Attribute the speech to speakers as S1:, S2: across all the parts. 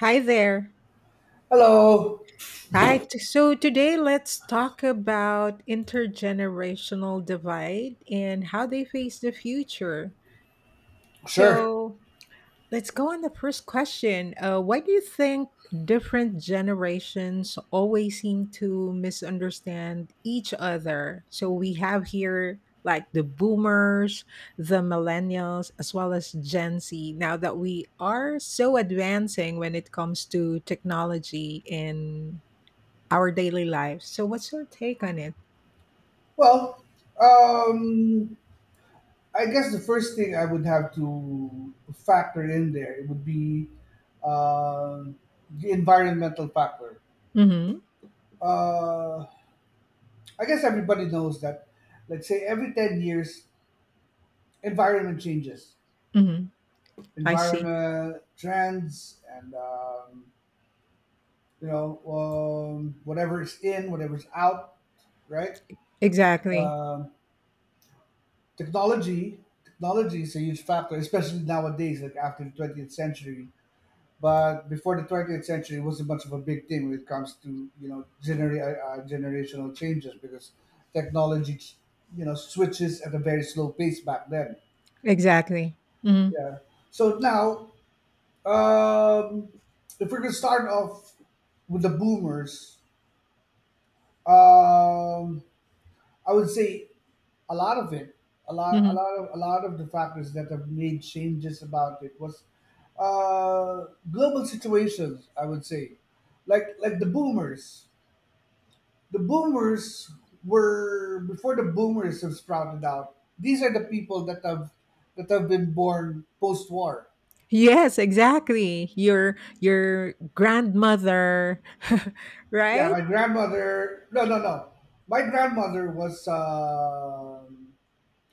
S1: Hi there.
S2: Hello.
S1: Hi. So today let's talk about intergenerational divide and how they face the future.
S2: Sure.
S1: So let's go on the first question. Why do you think different generations always seem to misunderstand each other? So we have here like the boomers, the millennials, as well as Gen Z, now that we are so advancing when it comes to technology and our daily lives. So, what's your take on it?
S2: Well, um, I guess the first thing I would have to factor in there it would be um the environmental factor.
S1: Mm-hmm.
S2: Uh, I guess everybody knows that. Let's say every 10 years, environment changes,
S1: Mm-hmm. I see.
S2: environment trends, and whatever is in, whatever's out, right?
S1: Exactly.
S2: Um, technology is a huge factor, especially nowadays, like after the 20th century. But before the 20th century, it wasn't much of a big thing when it comes to generational changes because technology, switches at a very slow pace back then.
S1: Exactly. Mm-hmm.
S2: Yeah. So now, um, if we're gonna start off with the boomers, um, I would say a lot of it
S1: Mm-hmm.
S2: a lot of the factors that have made changes about it was uh global situations. I would say like the boomers were, before the boomers have sprouted out, these are the people that have been born post-war.
S1: Yes, exactly. Your grandmother,
S2: Yeah,
S1: right?
S2: my grandmother, no, no, no, my grandmother was uh,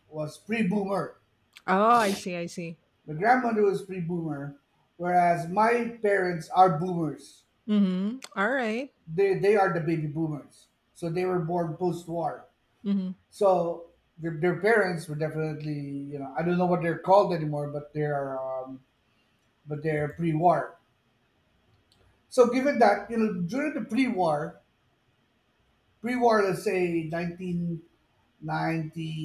S2: was pre-boomer.
S1: Oh, I see. I see.
S2: My grandmother was pre-boomer, whereas my parents are boomers.
S1: Mm-hmm. All right.
S2: They are the baby boomers. So they were born post-war.
S1: Mm-hmm.
S2: So their parents were definitely, you know, I don't know what they're called anymore, but they're pre-war. So given that, you know, during the pre-war, let's say nineteen ninety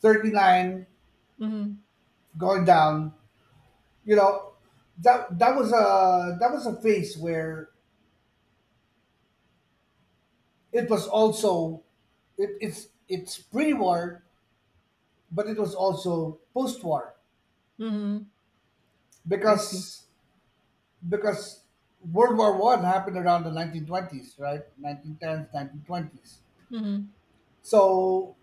S2: thirty-nine
S1: Mm-hmm.
S2: going down, you know, that was a phase where it was also, it's pre-war but it was also post-war,
S1: Mm-hmm. I see.
S2: because because World War I happened around the 1920s, right? 1910s, 1920s.
S1: Mm-hmm.
S2: So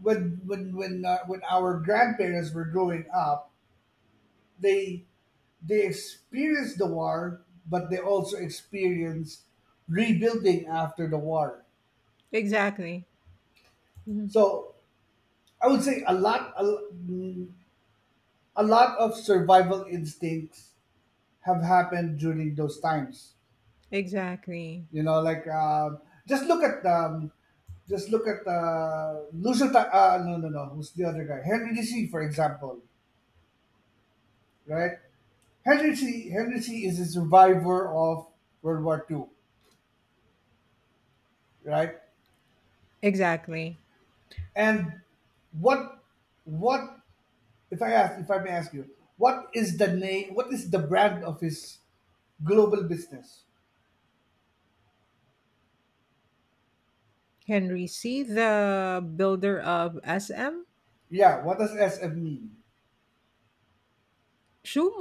S2: when our grandparents were growing up, they they experienced the war, but they also experienced rebuilding after the war.
S1: Exactly. Mm-hmm.
S2: So I would say mm, a lot of survival instincts have happened during those times.
S1: Exactly.
S2: You know, like just look at um, just look at Lucio. No, no, no. Who's the other guy? Henry D. C., for example, right? Henry D. C. is a survivor of World War II, right?
S1: Exactly.
S2: And what what if I may ask you, what is the name? What is the brand of his global business?
S1: Henry C, the builder of SM.
S2: Yeah, what does SM mean?
S1: Shoe.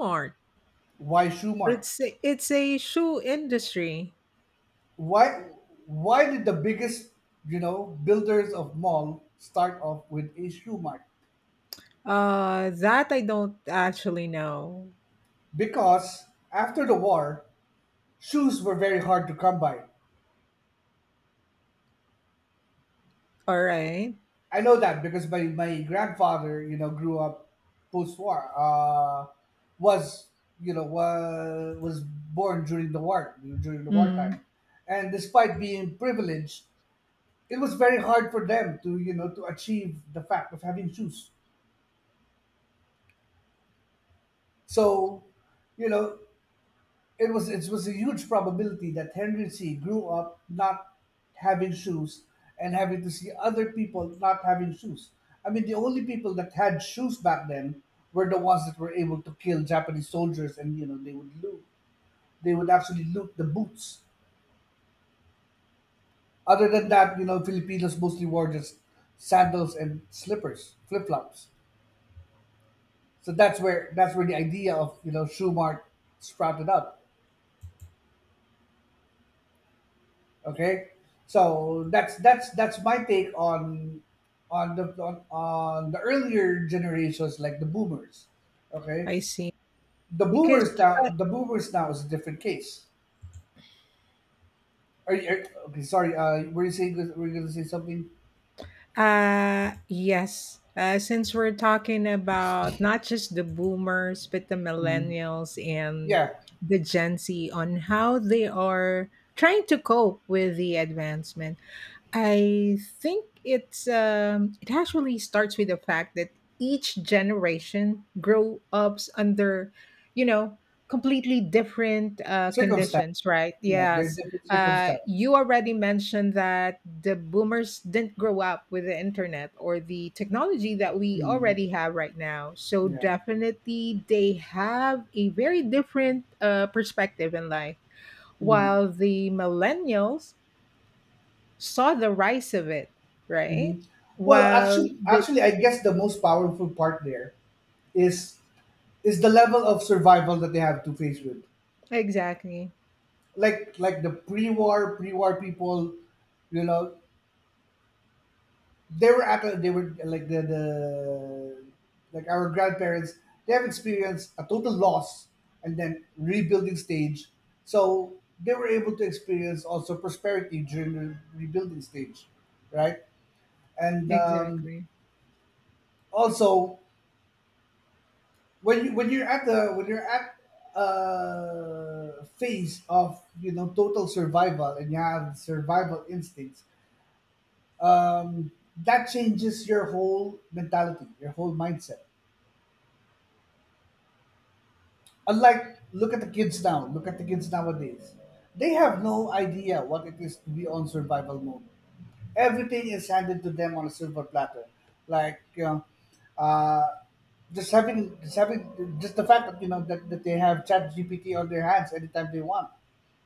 S2: Why Shoemart?
S1: It's a shoe industry.
S2: Why why did the biggest, you know, builders of mall start off with a shoe mart?
S1: That I don't actually know.
S2: Because after the war, shoes were very hard to come by.
S1: All right.
S2: I know that because my grandfather, you know, grew up post war. Was, you know, was born during the war, during the
S1: Mm,
S2: wartime, and despite being privileged, it was very hard for them to, you know, to achieve the fact of having shoes. So, you know, it was a huge probability that Henry C grew up not having shoes and having to see other people not having shoes. I mean, the only people that had shoes back then were the ones that were able to kill Japanese soldiers, and you know they would actually loot the boots. Other than that, you know, Filipinos mostly wore just sandals and slippers, flip flops. So that's where the idea of, you know, Schumart sprouted up. Okay, so that's my take on on the earlier generations like the boomers. Okay,
S1: I see. Because,
S2: the boomers now is a different case. Okay, sorry, were you going to say something?
S1: yes, since we're talking about not just the boomers, but the
S2: Mm.
S1: millennials and
S2: Yeah,
S1: the Gen Z on how they are trying to cope with the advancement. I think it's it actually starts with the fact that each generation grow ups under, you know, completely different
S2: circumstance.
S1: conditions, right?
S2: Yeah, they're
S1: Yes.
S2: different circumstance.
S1: You already mentioned that the boomers didn't grow up with the internet or the technology that we
S2: Mm.
S1: already have right now. So
S2: Yeah.
S1: definitely they have a very different perspective in life.
S2: Mm.
S1: While the millennials saw the rise of it, right?
S2: Hmm. Well,
S1: While the
S2: actually, I guess the most powerful part there is is the level of survival that they have to face with.
S1: Exactly,
S2: Like the pre-war people, you know, they were like our grandparents. They have experienced a total loss and then rebuilding stage. So they were able to experience also prosperity during the rebuilding stage, right? And
S1: exactly,
S2: also, when you're at the when you're at phase of, you know, total survival and you have survival instincts, um that changes your whole mentality, your whole mindset. Unlike, look at the kids nowadays, they have no idea what it is to be on survival mode. Everything is handed to them on a silver platter, like, you know, uh, just the fact that, you know, that they have chat gpt on their hands anytime they want.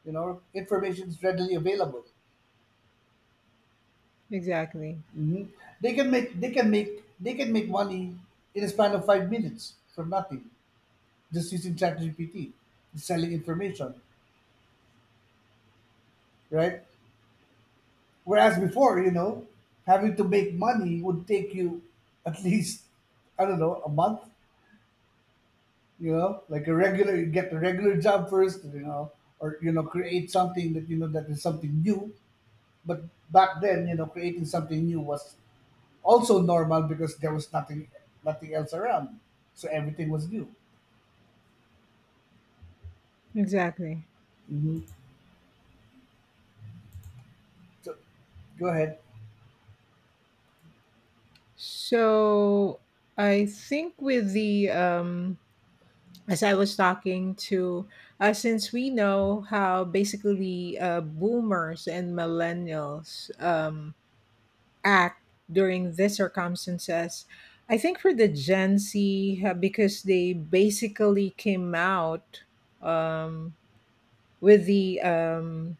S2: You know, information is readily available.
S1: exactly,
S2: Hmm. They can make money in a span of 5 minutes from nothing, just using ChatGPT, selling information, right? Whereas before, you know, having to make money would take you at least, I don't know, a month. You know, like, a regular you get a regular job first, you know, or, you know, create something that, you know, that is something new. But back then, you know, creating something new was also normal because there was nothing else around, so everything was new.
S1: exactly.
S2: Hmm. So go ahead.
S1: So I think with the as I was talking to, since we know how basically boomers and millennials act during these circumstances. I think for the Gen Z, because they basically came out um, with the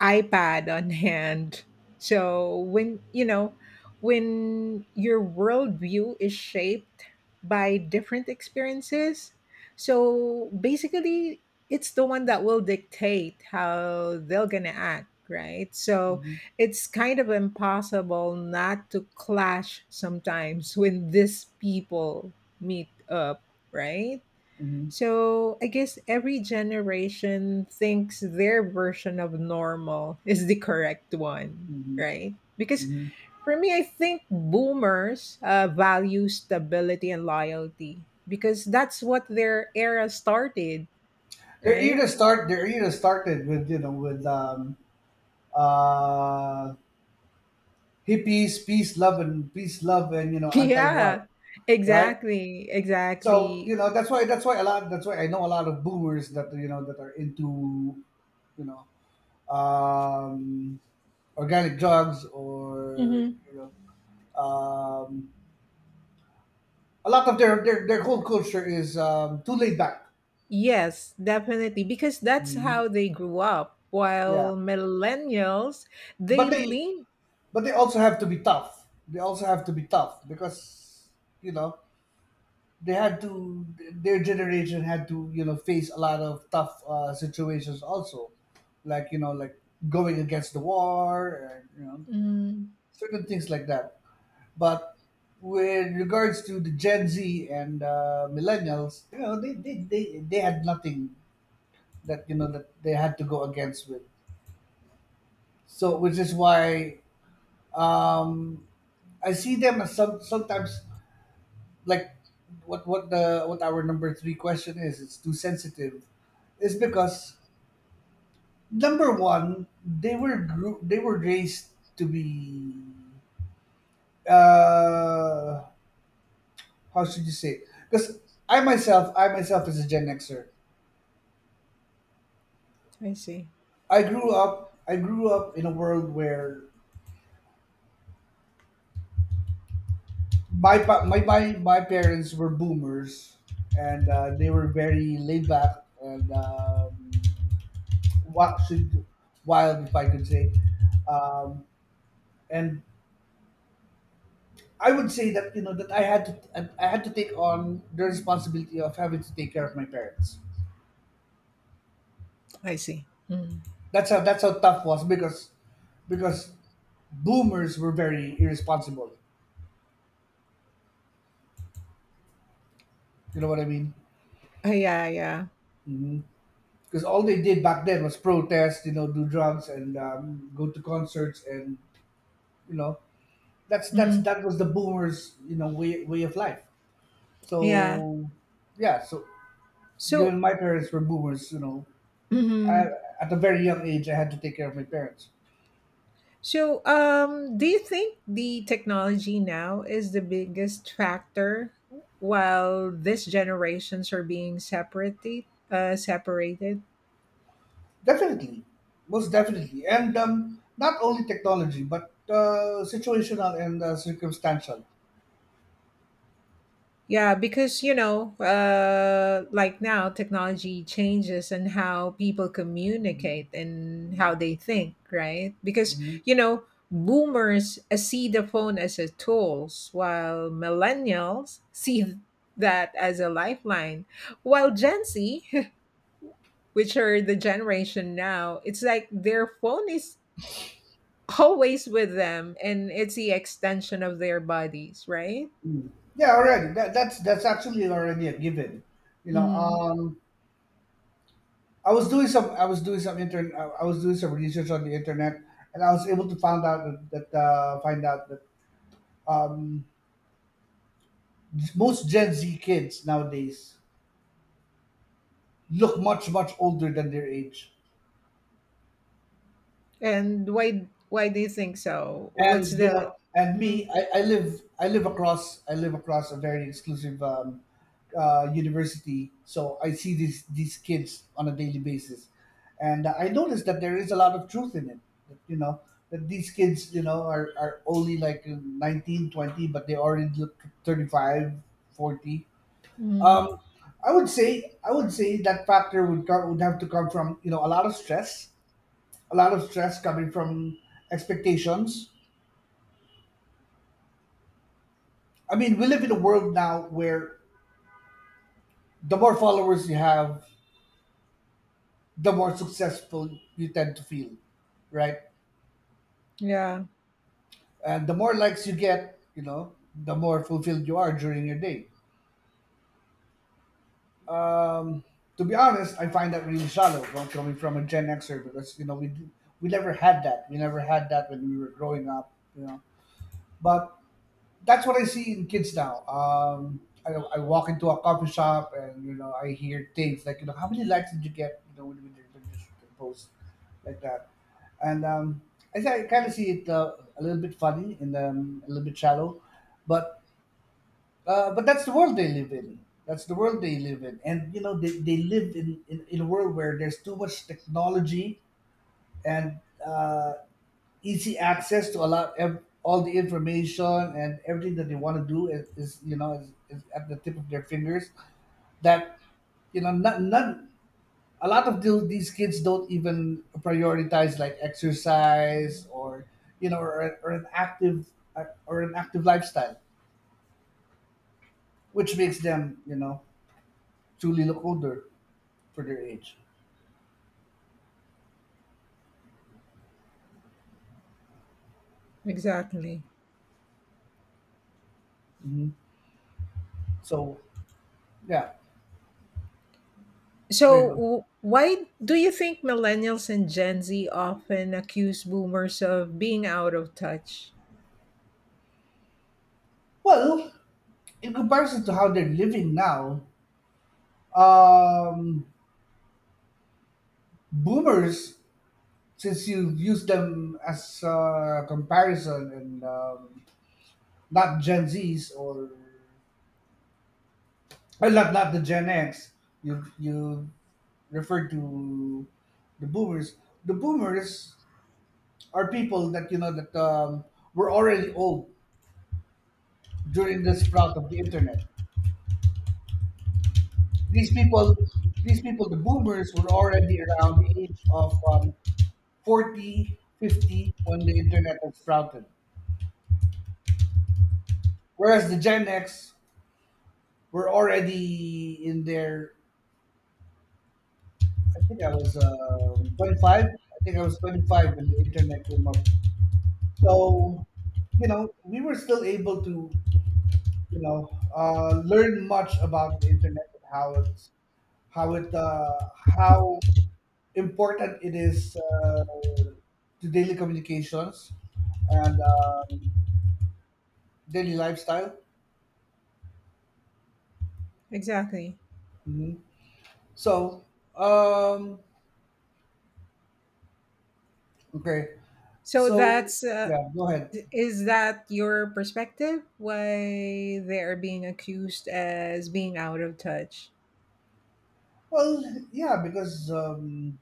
S1: iPad on hand. So when when your worldview is shaped by different experiences, so basically it's the one that will dictate how they're gonna act, right? So
S2: Hmm.
S1: it's kind of impossible not to clash sometimes when these people meet up, right?
S2: Hmm.
S1: So I guess every generation thinks their version of normal is the correct one,
S2: Hmm.
S1: right? Because
S2: Hmm.
S1: for me, I think boomers value stability and loyalty because that's what their era started, right?
S2: Their era started with, you know, with uh hippies, peace love and you know,
S1: Yeah,
S2: anti-war, right?
S1: exactly,
S2: So,
S1: exactly.
S2: you know, that's why I know a lot of boomers that, you know, that are into, you know, um, organic drugs, or,
S1: Hmm.
S2: you know, um, a lot of their whole culture is, too laid back.
S1: Yes, definitely, because that's
S2: Hmm.
S1: how they grew up.
S2: Yeah,
S1: While millennials, they
S2: but they
S1: lean.
S2: but they also have to be tough. They also have to be tough because, you know, they had to their generation had to, you know, face a lot of tough situations also, like, you know, going against the war and, you know,
S1: Mm,
S2: certain things like that. But with regards to the gen z and millennials, you know, they had nothing that, you know, that they had to go against with. So, which is why um I see them as sometimes, like, what our number three question is, it's too sensitive is because number one, they were raised to be, uh how should you say, because I myself as a gen xer,
S1: I see.
S2: I grew up in a world where my pa- my parents were boomers, and they were very laid back, and What should- wild, if I could say. Um, and I would say that, you know, that I had to take on the responsibility of having to take care of my parents.
S1: I see. Mm.
S2: That's how tough it was, because because boomers were very irresponsible. You know what I mean?
S1: Yeah, yeah.
S2: Because all they did back then was protest, you know, do drugs and, go to concerts, and, you know,
S1: Mhm.
S2: that was the boomers, you know, way of life.
S1: Yeah.
S2: So, yeah. So
S1: So,
S2: given my parents were boomers, you know, I,
S1: mhm.
S2: at a very young age, I had to take care of my parents.
S1: So do you think the technology now is the biggest factor while these generations are being separated? Separated?
S2: Definitely, most definitely, and not only technology, but situational and circumstantial.
S1: Yeah, because like now, technology changes and how people communicate and how they think, right? Because
S2: Mhm.
S1: you know, boomers see the phone as a tools, while millennials see that as a lifeline, while Gen Z, which are the generation now, it's like their phone is always with them, and it's the extension of their bodies, right?
S2: Mm. Yeah, already. That's actually already a given. You know,
S1: Mhm.
S2: I was doing some I was doing some intern I was doing some research on the internet, and I was able to find out that, that find out that um, most Gen Z kids nowadays look much much older than their age.
S1: And why do you think so? What's
S2: And, you
S1: the
S2: know, and
S1: mm,
S2: me I live across a very exclusive, university, so I see these kids on a daily basis, and I noticed that there is a lot of truth in it, that, you know, that these kids, you know, are only like 19, 20, but they already look 35, 40. um,
S1: mm,
S2: I would say that factor would come, would have to come from, you know, a lot of stress coming from expectations. I mean, we live in a world now where the more followers you have, the more successful you tend to feel, right?
S1: yeah,
S2: And the more likes you get, you know, the more fulfilled you are during your day. Um, to be honest, I find that really shallow from coming from a Gen Xer, because, you know, we never had that. We never had that when we were growing up, you know. But that's what I see in kids now. I walk into a coffee shop and, you know, I hear things like, you know, how many likes did you get, you know, when you shoot a post like that, and, I kind of see it, a little bit funny and, a little bit shallow, but, but that's the world they live in. That's the world they live in, and they live in a world where there's too much technology and easy access to allow all the information, and everything that they want to do is you know is at the tip of their fingers. That you know not, not A lot of these kids don't even prioritize like exercise or you know or, or an active or an active lifestyle, which makes them, you know, truly look older for their age.
S1: exactly.
S2: Hmm. So yeah, there you
S1: So
S2: go.
S1: why do you think millennials and Gen Z often accuse boomers of being out of touch?
S2: Well, in comparison to how they're living now, um boomers, since you use them as a comparison, and not Gen Z's or, well, not the Gen X, you refer to the boomers. The boomers are people that, you know, that were already old during the sprout of the internet. these people these people, the boomers, were already around the age of 40, 50 when the internet was sprouted. Whereas the Gen X, we're already in there. I think I was 25. I think I was 25 when the internet came up. So, you know, we were still able to, you know, learn much about the internet and how it's how it how important it is to daily communications and daily lifestyle.
S1: Exactly.
S2: Hmm. So, um, okay.
S1: So
S2: So,
S1: that's
S2: yeah, go ahead.
S1: is that your perspective why they are being accused as being out of touch?
S2: Well, yeah, because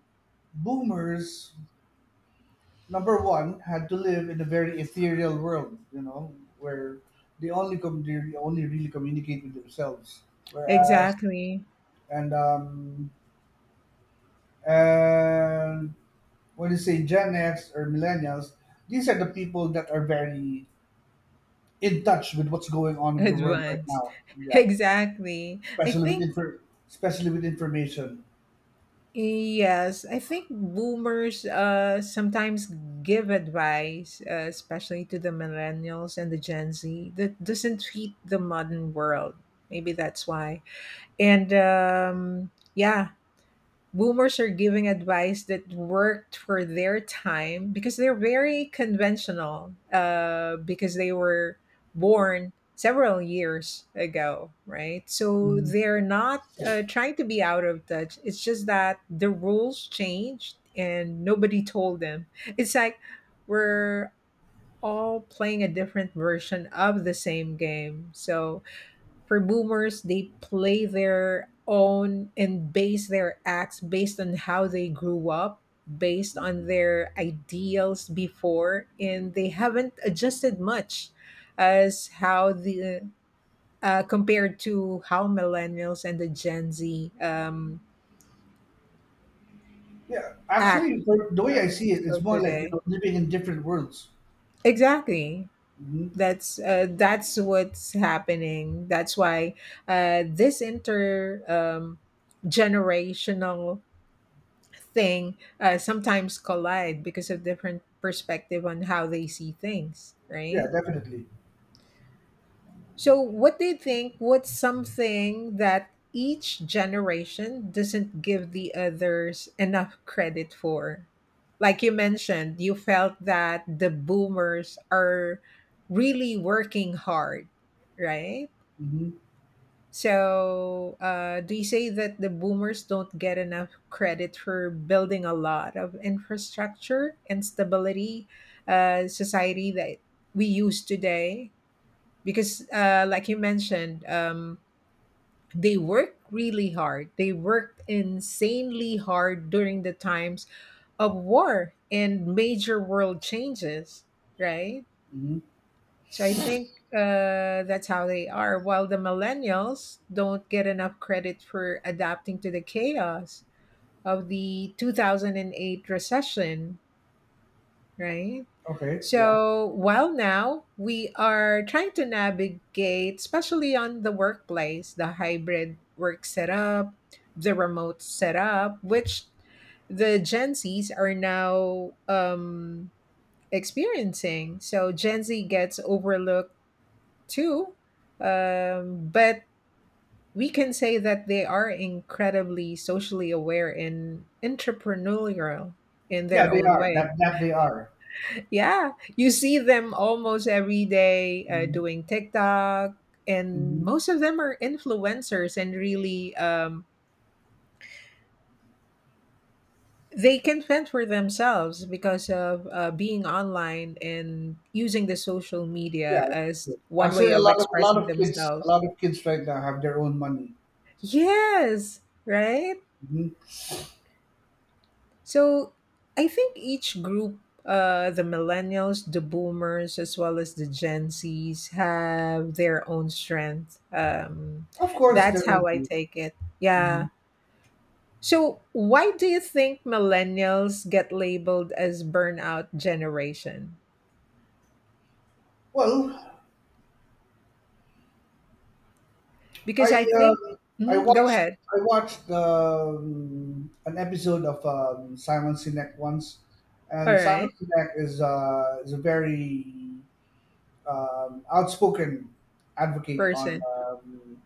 S2: boomers, number one, had to live in a very ethereal world, you know, where they only really communicate with themselves. Whereas,
S1: Exactly.
S2: and um, and when you say Gen X or millennials, these are the people that are very in touch with what's going on with the world right
S1: Advanced.
S2: now. Yeah,
S1: Exactly. I
S2: especially with
S1: think.
S2: especially with information.
S1: Yes, I think boomers sometimes give advice, especially to the millennials and the Gen Z, that doesn't fit the modern world. Maybe that's why. And yeah, boomers are giving advice that worked for their time because they're very conventional because they were born several years ago, right? So
S2: Mm.
S1: they're not trying to be out of touch. It's just that the rules changed and nobody told them. It's like we're all playing a different version of the same game. So for boomers, they play their own and base their acts based on how they grew up, based on their ideals before, and they haven't adjusted much as how the compared to how millennials and the Gen Z
S2: Yeah,
S1: act.
S2: actually, the way
S1: uh,
S2: I see it, it's
S1: so
S2: more like, you
S1: today,
S2: know, living in different worlds.
S1: exactly,
S2: Hmm.
S1: that's what's happening, that's why this inter generational thing sometimes collide because of different perspective on how they see things,
S2: Yeah,
S1: right?
S2: definitely.
S1: So, what do you think? What's something that each generation doesn't give the others enough credit for? Like you mentioned, you felt that the boomers are really working hard, right?
S2: Hmm.
S1: So, do you say that the boomers don't get enough credit for building a lot of infrastructure and stability, society that we use today? Because, like you mentioned, they work really hard. They worked insanely hard during the times of war and major world changes, right?
S2: Hmm.
S1: So I think that's how they are. While the millennials don't get enough credit for adapting to the chaos of the 2008 recession, right?
S2: Okay. Yeah.
S1: So while now we are trying to navigate, especially on the workplace, the hybrid work setup, the remote setup, which the Gen Zs are now experiencing. So Gen Z gets overlooked too. But we can say that they are incredibly socially aware and entrepreneurial in
S2: Yeah,
S1: their
S2: they
S1: own
S2: are.
S1: way.
S2: That that they are.
S1: Yeah, you see them almost every day
S2: Hmm.
S1: doing TikTok, and
S2: Hmm.
S1: most of them are influencers and really they can fend for themselves because of being online and using the social media
S2: Yeah.
S1: as one way
S2: Actually,
S1: of expressing
S2: a
S1: themselves.
S2: lot of kids right now have their own money.
S1: Yes, right?
S2: Hmm.
S1: So I think each group, the millennials, the boomers, as well as the Gen Zs, have their own strength.
S2: Of course,
S1: That's how I
S2: definitely.
S1: take it. Yeah.
S2: Hmm.
S1: So why do you think millennials get labeled as burnout generation?
S2: Well, I
S1: Because I think,
S2: um, I
S1: mhm, go
S2: watched,
S1: ahead.
S2: I watched an episode of Simon Sinek once,
S1: All
S2: and Simon
S1: right.
S2: Sinek is a very outspoken advocate
S1: Person.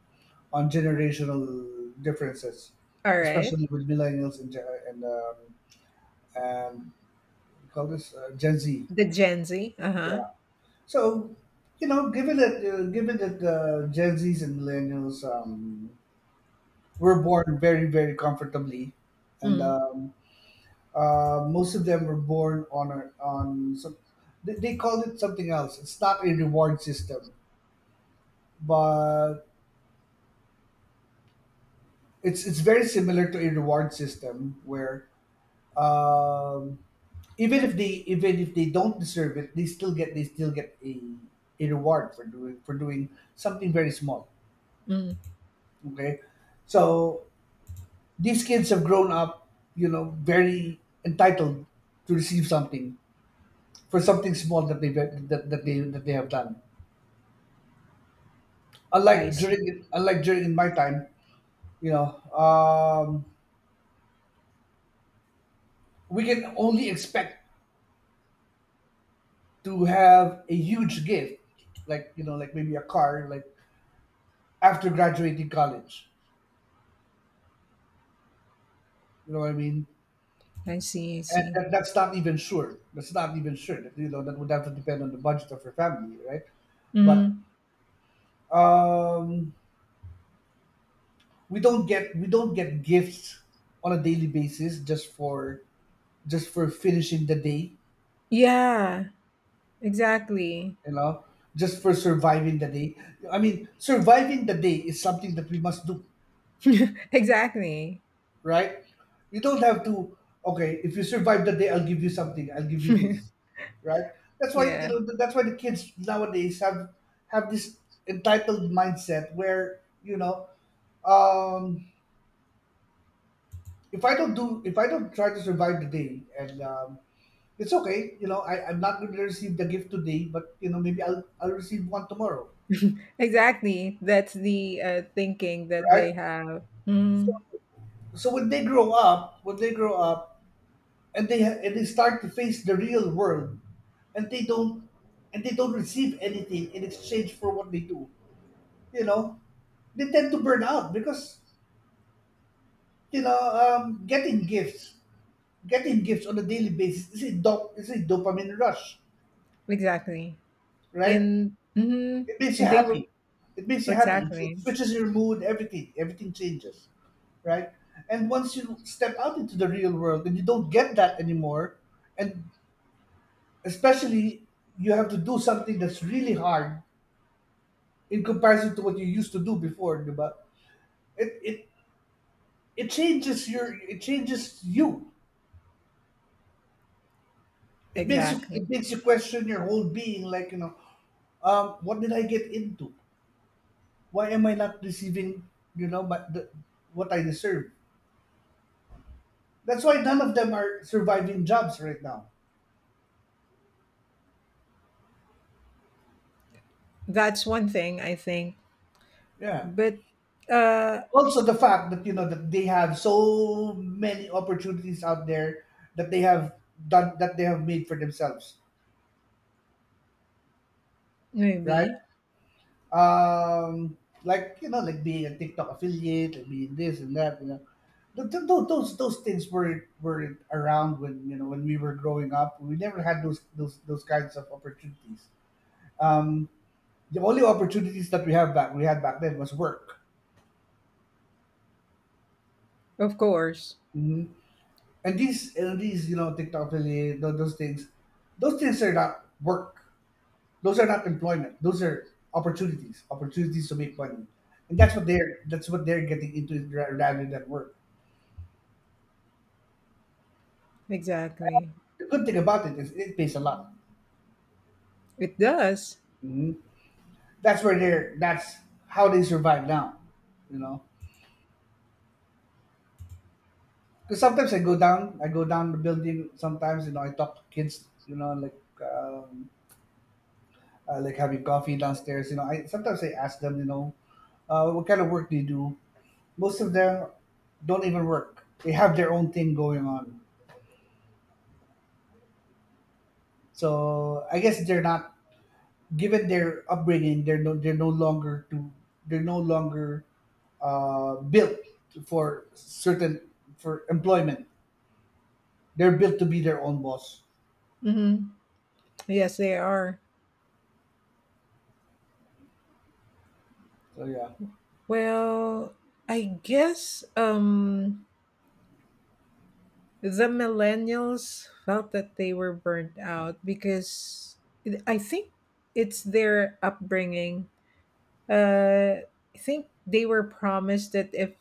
S2: on generational differences,
S1: All right.
S2: especially with millennials and and we call this Gen Z.
S1: The Gen Z. Uh huh.
S2: Yeah. So you know, given that Gen Z's and millennials were born very very comfortably, and
S1: Mm,
S2: most of them were born on on some, they called it something else. It's not a reward system, but it's very similar to a reward system where, um, even if they, even if they don't deserve it, they still get, they still get a reward for doing, for doing something very small.
S1: mm.
S2: Okay. So these kids have grown up, you know, very entitled to receive something for something small that they have done.
S1: I see.
S2: Unlike during in my time, you know, we can only expect to have a huge gift, like, you know, like maybe a car, like after graduating college. You know what I mean?
S1: I see. I
S2: And
S1: see.
S2: that's not even sure. That's not even sure. That, you know, that would have to depend on the budget of your family, right? But
S1: Mm.
S2: um, we don't get, we don't get gifts on a daily basis just for, just for finishing the day,
S1: Yeah, exactly.
S2: you know, just for surviving the day. I mean, surviving the day is something that we must do,
S1: Exactly.
S2: right? You don't have to, okay, if you survive the day, I'll give you something, I'll give you this, right? That's why, you
S1: Yeah.
S2: know, that's why the kids nowadays have this entitled mindset where, you know, um, if I don't do, if I don't try to survive the day, and it's okay, you know, I'm not going to receive the gift today, but you know, maybe I'll receive one tomorrow,
S1: Exactly. That's the thinking that
S2: right?
S1: they have. Mhm.
S2: So when they grow up, when they grow up, and and they start to face the real world, and they don't, and they don't receive anything in exchange for what they do, you know, they tend to burn out because, you know, getting gifts on a daily basis is a dopamine rush,
S1: Exactly.
S2: right?
S1: In mhm.
S2: It makes you
S1: And they were
S2: happy. It makes you happy. It
S1: exactly.
S2: switches your mood. Everything changes, right? And once you step out into the real world and you don't get that anymore, and especially you have to do something that's really hard in comparison to what you used to do before, diba? It it it changes your, it changes you. It makes you,
S1: Exactly.
S2: it makes you question your whole being. Like, you know, what did I get into? Why am I not receiving, you know, what I deserve? That's why none of them are surviving jobs right now.
S1: That's one thing I think.
S2: Yeah.
S1: But uh
S2: Also the fact that, you know, that they have so many opportunities out there, that they have done, that they have made for themselves, right?
S1: maybe.
S2: um like, you know, like being a TikTok affiliate, like being this and that, you know. Those those things were around when, you know, when we were growing up. We never had those those kinds of opportunities. um the only opportunities that we had back then was work.
S1: Of course.
S2: Mm-hmm. And these, you know, TikTok really, those things are not work. Those are not employment. Those are opportunities, opportunities to make money, and that's what they're getting into, rather than work.
S1: Exactly.
S2: The good thing about it is it pays a lot.
S1: It does.
S2: Hmm. That's where they're, that's how they survive now, you know. Because sometimes I go down the building. Sometimes, you know, I talk to kids, you know, like. Like having coffee downstairs. You know, I sometimes I ask them, you know, what kind of work they do. Most of them don't even work. They have their own thing going on. So I guess they're not, given their upbringing, they're no longer to, they're no longer built for certain, for employment. They're built to be their own boss.
S1: Hmm. Yes, they are.
S2: So yeah,
S1: Well, I guess the millennials felt that they were burnt out because I think it's their upbringing. Uh, I think they were promised that if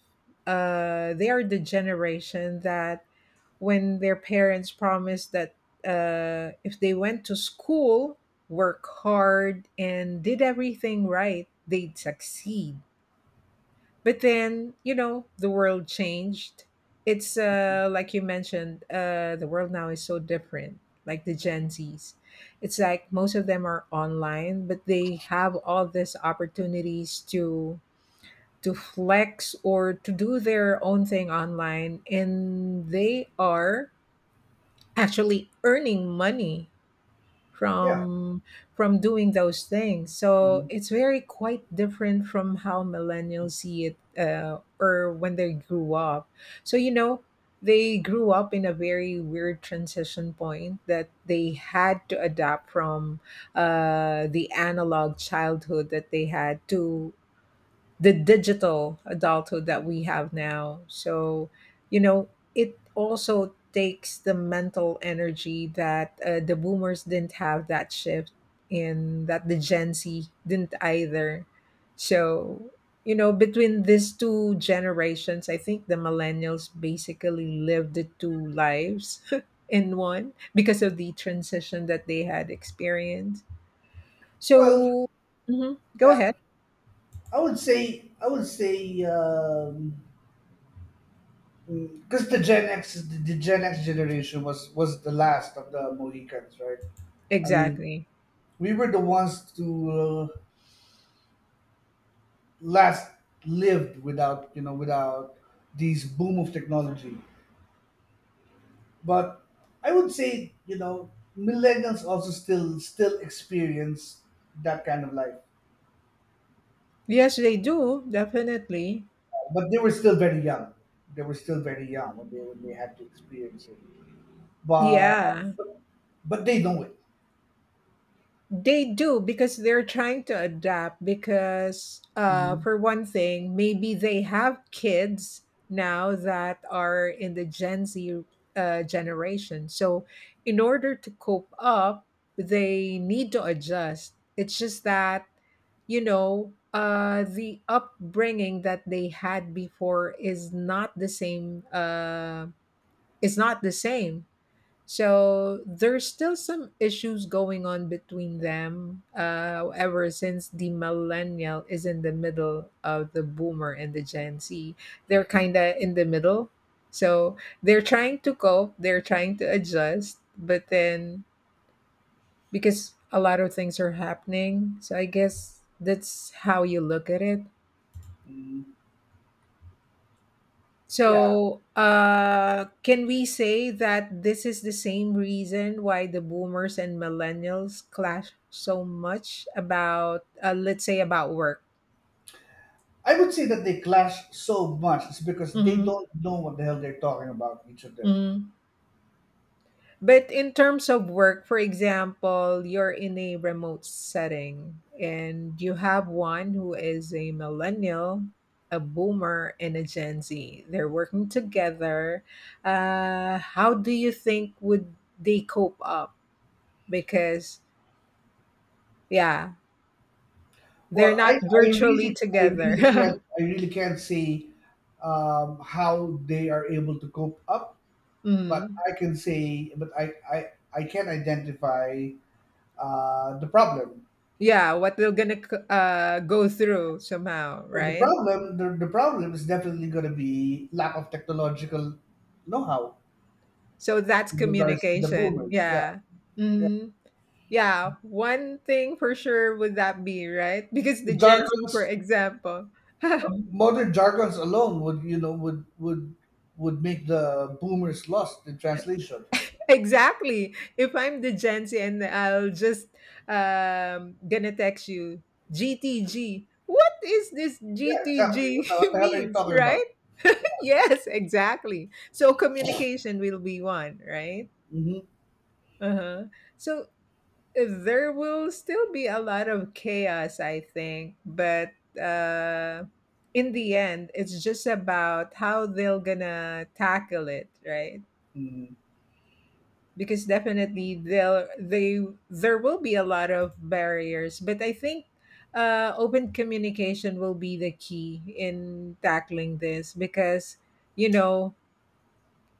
S1: they are the generation that when their parents promised that if they went to school, work hard, and did everything right, they'd succeed. But then, the world changed. It's like you mentioned, the world now is so different. Like the Gen Zs, it's like most of them are online, but they have all these opportunities to flex or to do their own thing online, and they are actually earning money
S2: yeah.
S1: from from doing those things. So
S2: Mhm.
S1: it's very quite different from how millennials see it or when they grew up. So they grew up in a very weird transition point that they had to adapt from the analog childhood that they had to the digital adulthood that we have now. So, you know, it also takes the mental energy that the boomers didn't have that shift and that the Gen Z didn't either. So, between these two generations, I think the millennials basically lived the two lives in one because of the transition that they had experienced.
S2: Well,
S1: So, mhm, go
S2: yeah.
S1: ahead.
S2: I would say I would say. Because the Gen X, the Gen X generation was the last of the Mohicans, right? I mean,
S1: Exactly.
S2: we were the ones to uh, last lived without, you know, without these boom of technology. But I would say, you know, millennials also still experience that kind of life,
S1: Yes, they do, definitely.
S2: but they were still very young. They were still very young when they, when they had to experience it. But
S1: Yeah,
S2: but, but they know it.
S1: they do because they're trying to adapt. Because,
S2: Hmm.
S1: for one thing, maybe they have kids now that are in the Gen Z generation. So, in order to cope up, they need to adjust. It's just that, the upbringing that they had before is not the same. Is not the same. So there's still some issues going on between them. However, since the millennial is in the middle of the boomer and the Gen Z, they're kind of in the middle. So they're trying to cope, they're trying to adjust, but then because a lot of things are happening, so I guess that's how you look at it.
S2: Hmm. Yeah.
S1: So, can we say that this is the same reason why the boomers and millennials clash so much about, let's say, about work?
S2: I would say that they clash so much is because they
S1: Hmm.
S2: don't know what the hell they're talking about, each of them.
S1: Hmm. But in terms of work, for example, you're in a remote setting and you have one who is a millennial, a boomer, and a Gen Z. They're working together. How do you think would they cope up? Because yeah, they're
S2: Well,
S1: not
S2: I
S1: virtually
S2: really, I really
S1: together.
S2: can't, I really can't say how they are able to cope up, but
S1: Mm.
S2: I can say, I can identify the problem.
S1: Yeah, what they're gonna go through somehow,
S2: Well,
S1: right?
S2: the problem is definitely going to be lack of technological know-how
S1: So that's
S2: in regards to the
S1: communication.
S2: boomers. Yeah,
S1: Yeah.
S2: yeah.
S1: Mm. Yeah, one thing for sure would that be, right? Because
S2: The
S1: the Gen Z, for
S2: jargons.
S1: example.
S2: Modern jargons alone would, you know, would would make the boomers lost in translation.
S1: Exactly. If I'm the Gen Z and I'll just gonna text you GTG. What is this
S2: Yeah, exactly.
S1: GTG
S2: What the hell are you
S1: means,
S2: talking about?
S1: right? Yes, exactly. So communication will be one, right?
S2: Hmm.
S1: Uh-huh. So there will still be a lot of chaos, I think, but uh in the end it's just about how they're gonna tackle it, right? Because definitely they'll they there will be a lot of barriers, but I think open communication will be the key in tackling this because you know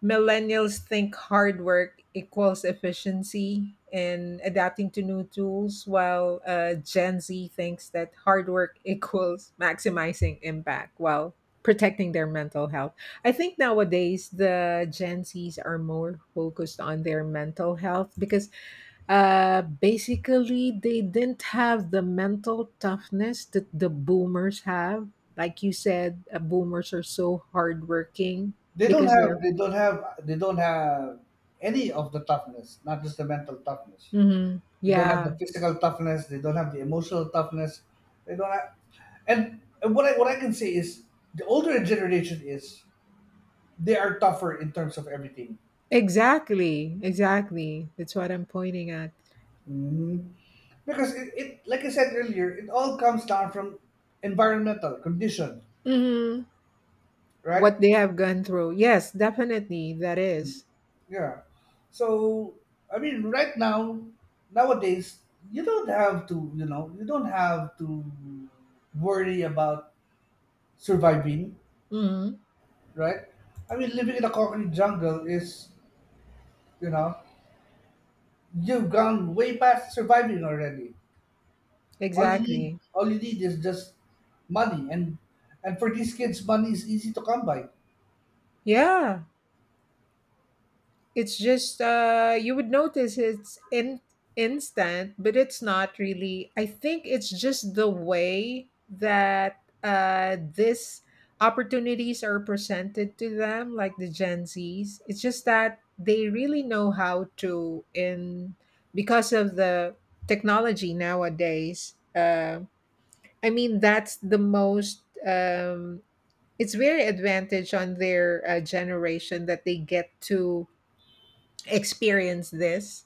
S1: Millennials think hard work equals efficiency and adapting to new tools, while Gen Z thinks that hard work equals maximizing impact while protecting their mental health. I think nowadays the Gen Zs are more focused on their mental health because basically they didn't have the mental toughness that the boomers have. Like you said, boomers are so hardworking
S2: They don't
S1: because
S2: have,
S1: they're
S2: they don't have any of the toughness, not just the mental toughness. They don't have
S1: yeah,
S2: the physical toughness. They don't have the emotional toughness. They don't have, and what I can say is the older generation is, they are tougher in terms of everything.
S1: exactly. Exactly. That's what I'm pointing at.
S2: Mhm. Because like I said earlier, it all comes down from environmental condition,
S1: hmm
S2: right?
S1: What they have gone through. Yes, definitely. That is.
S2: Yeah. So, I mean, right now, nowadays, you don't have to, you know, you don't have to worry about surviving,
S1: Mhm.
S2: right? I mean, living in a concrete jungle is, you know, you've gone way past surviving already.
S1: Exactly.
S2: All you need is just money, and for these kids, money is easy to come by.
S1: Yeah. It's just you would notice instant, but it's not really. I think it's just the way that this opportunities are presented to them, like the Gen Zs. It's just that they really know how to in because of the technology nowadays. I mean, that's the most. Um, it's very advantage on their generation that they get to experience this.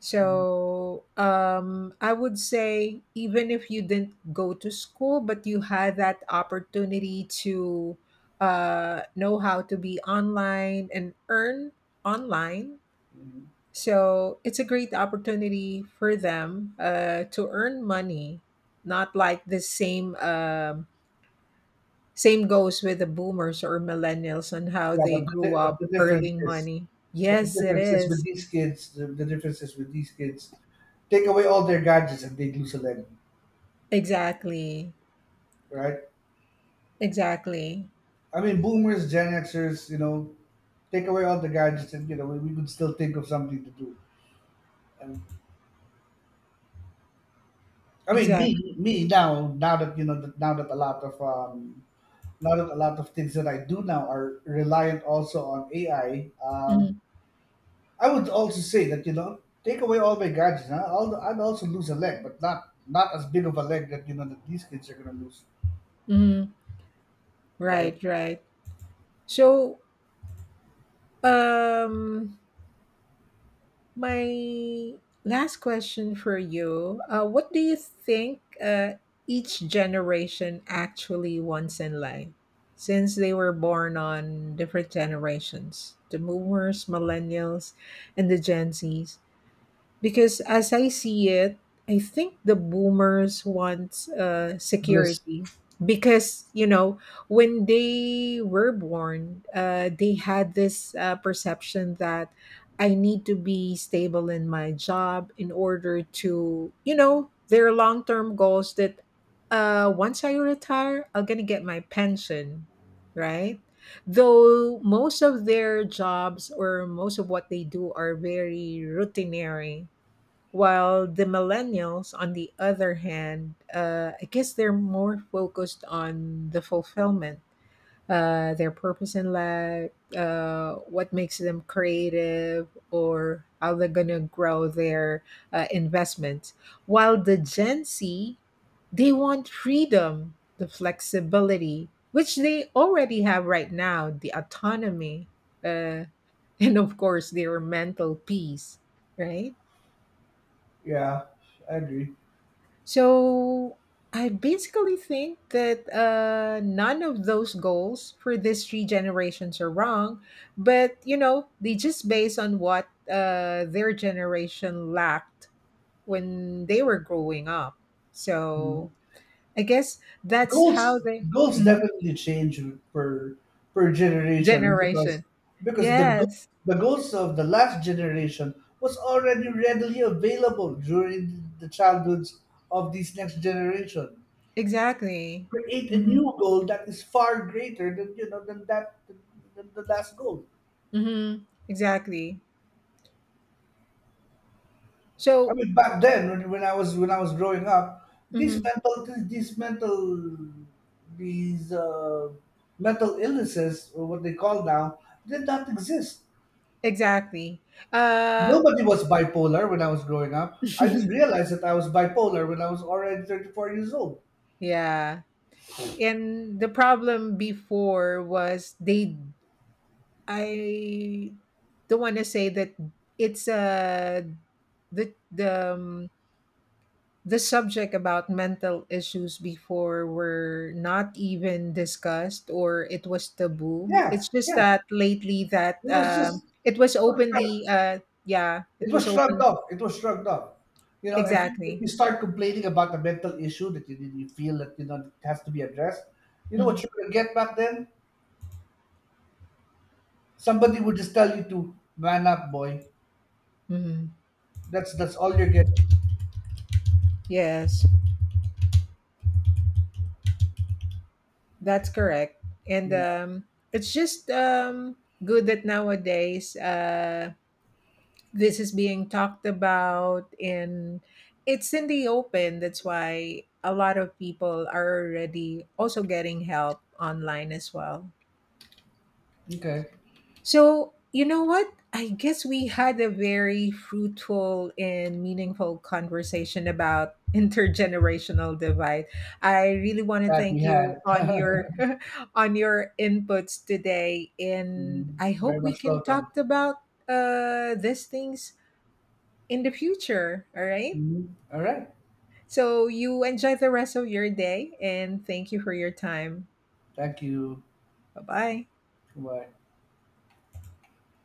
S1: So I would say, even if you didn't go to school, but you had that opportunity to know how to be online and earn online.
S2: Mm-hmm.
S1: So it's a great opportunity for them to earn money. Not like the same same goes with the boomers or millennials and how
S2: Yeah,
S1: they
S2: but the,
S1: grew
S2: di- but the
S1: up
S2: difference
S1: earning
S2: is,
S1: money.
S2: but the
S1: Yes, it
S2: difference is with
S1: is.
S2: these kids. The difference is with these kids. Take away all their gadgets and they lose a leg,
S1: Exactly.
S2: right?
S1: Exactly.
S2: I mean, boomers, Gen Xers, you know, take away all the gadgets and, you know, we could still think of something to do. And I mean,
S1: Exact.
S2: me now, now that, you know, that now that a lot of now that a lot of things that I do now are reliant also on AI.
S1: Mhm.
S2: I would also say that, you know, take away all my gadgets. Huh? I'd also lose a leg, but not not as big of a leg that, you know, that these kids are gonna lose.
S1: Mhm.
S2: Right?
S1: Right, right. So, um, my last question for you, what do you think each generation actually wants in life? Since they were born on different generations, the boomers, millennials, and the Gen Zs. Because as I see it, I think the boomers want
S2: Bliss.
S1: security. Because, you know, when they were born, they had this perception that I need to be stable in my job in order to, you know, their long term goals that once I retire, I'm going to get my pension, right? Though most of their jobs or most of what they do are very routinary, while the millennials, on the other hand, I guess they're more focused on the fulfillment, their purpose in life, what makes them creative, or how they're going to grow their investments. While the Gen Z, they want freedom, the flexibility, which they already have right now, the autonomy, uh, and of course, their mental peace, right?
S2: Yeah, I agree.
S1: So I basically think that none of those goals for these three generations are wrong, but you know, they just based on what their generation lacked when they were growing up.
S2: Mm.
S1: So I guess that's how
S2: Goals,
S1: they
S2: goals
S1: Mhm.
S2: definitely change per per generation
S1: generation.
S2: because
S1: Yes,
S2: the goals of the last generation was already readily available during the childhoods of these next generation.
S1: exactly.
S2: Create a
S1: hmm
S2: new goal that is far greater than, you know, than that, than the last goal.
S1: Exactly.
S2: I
S1: So,
S2: mean, back then when, when I was growing up, these
S1: mhm,
S2: mental, these mental these mental illnesses, or what they call now, did not exist.
S1: exactly. Uh,
S2: Nobody was bipolar when I was growing up. I just realized that I was bipolar when I was already 34 years old.
S1: yeah. And the problem before was they I don't want to say that it's the the subject about mental issues before were not even discussed or it was taboo.
S2: Yeah,
S1: It's just
S2: yeah.
S1: that lately that
S2: It was just,
S1: it was openly yeah, it
S2: it
S1: was
S2: was shrugged
S1: open
S2: off. It was shrugged off. You know, if
S1: exactly.
S2: you start complaining about the mental issue that you feel that, you know, it has to be addressed, you know
S1: hmm
S2: what you're gonna get back then? Somebody will just tell you to man up, boy.
S1: hmm
S2: That's all you're getting.
S1: Yes. That's correct. And
S2: Yeah.
S1: it's just good that nowadays this is being talked about and it's in the open. That's why a lot of people are already also getting help online as well.
S2: Okay.
S1: So, you know what? I guess we had a very fruitful and meaningful conversation about intergenerational divide. I really want to
S2: That
S1: thank
S2: we
S1: you
S2: had.
S1: on your on your inputs today and
S2: Mhm.
S1: I
S2: Very
S1: hope we
S2: much
S1: can
S2: welcome.
S1: talk about these things in the future, all right?
S2: Mhm. All right.
S1: So, you enjoy the rest of your day and thank you for your time.
S2: Thank you.
S1: Bye-bye.
S2: Goodbye.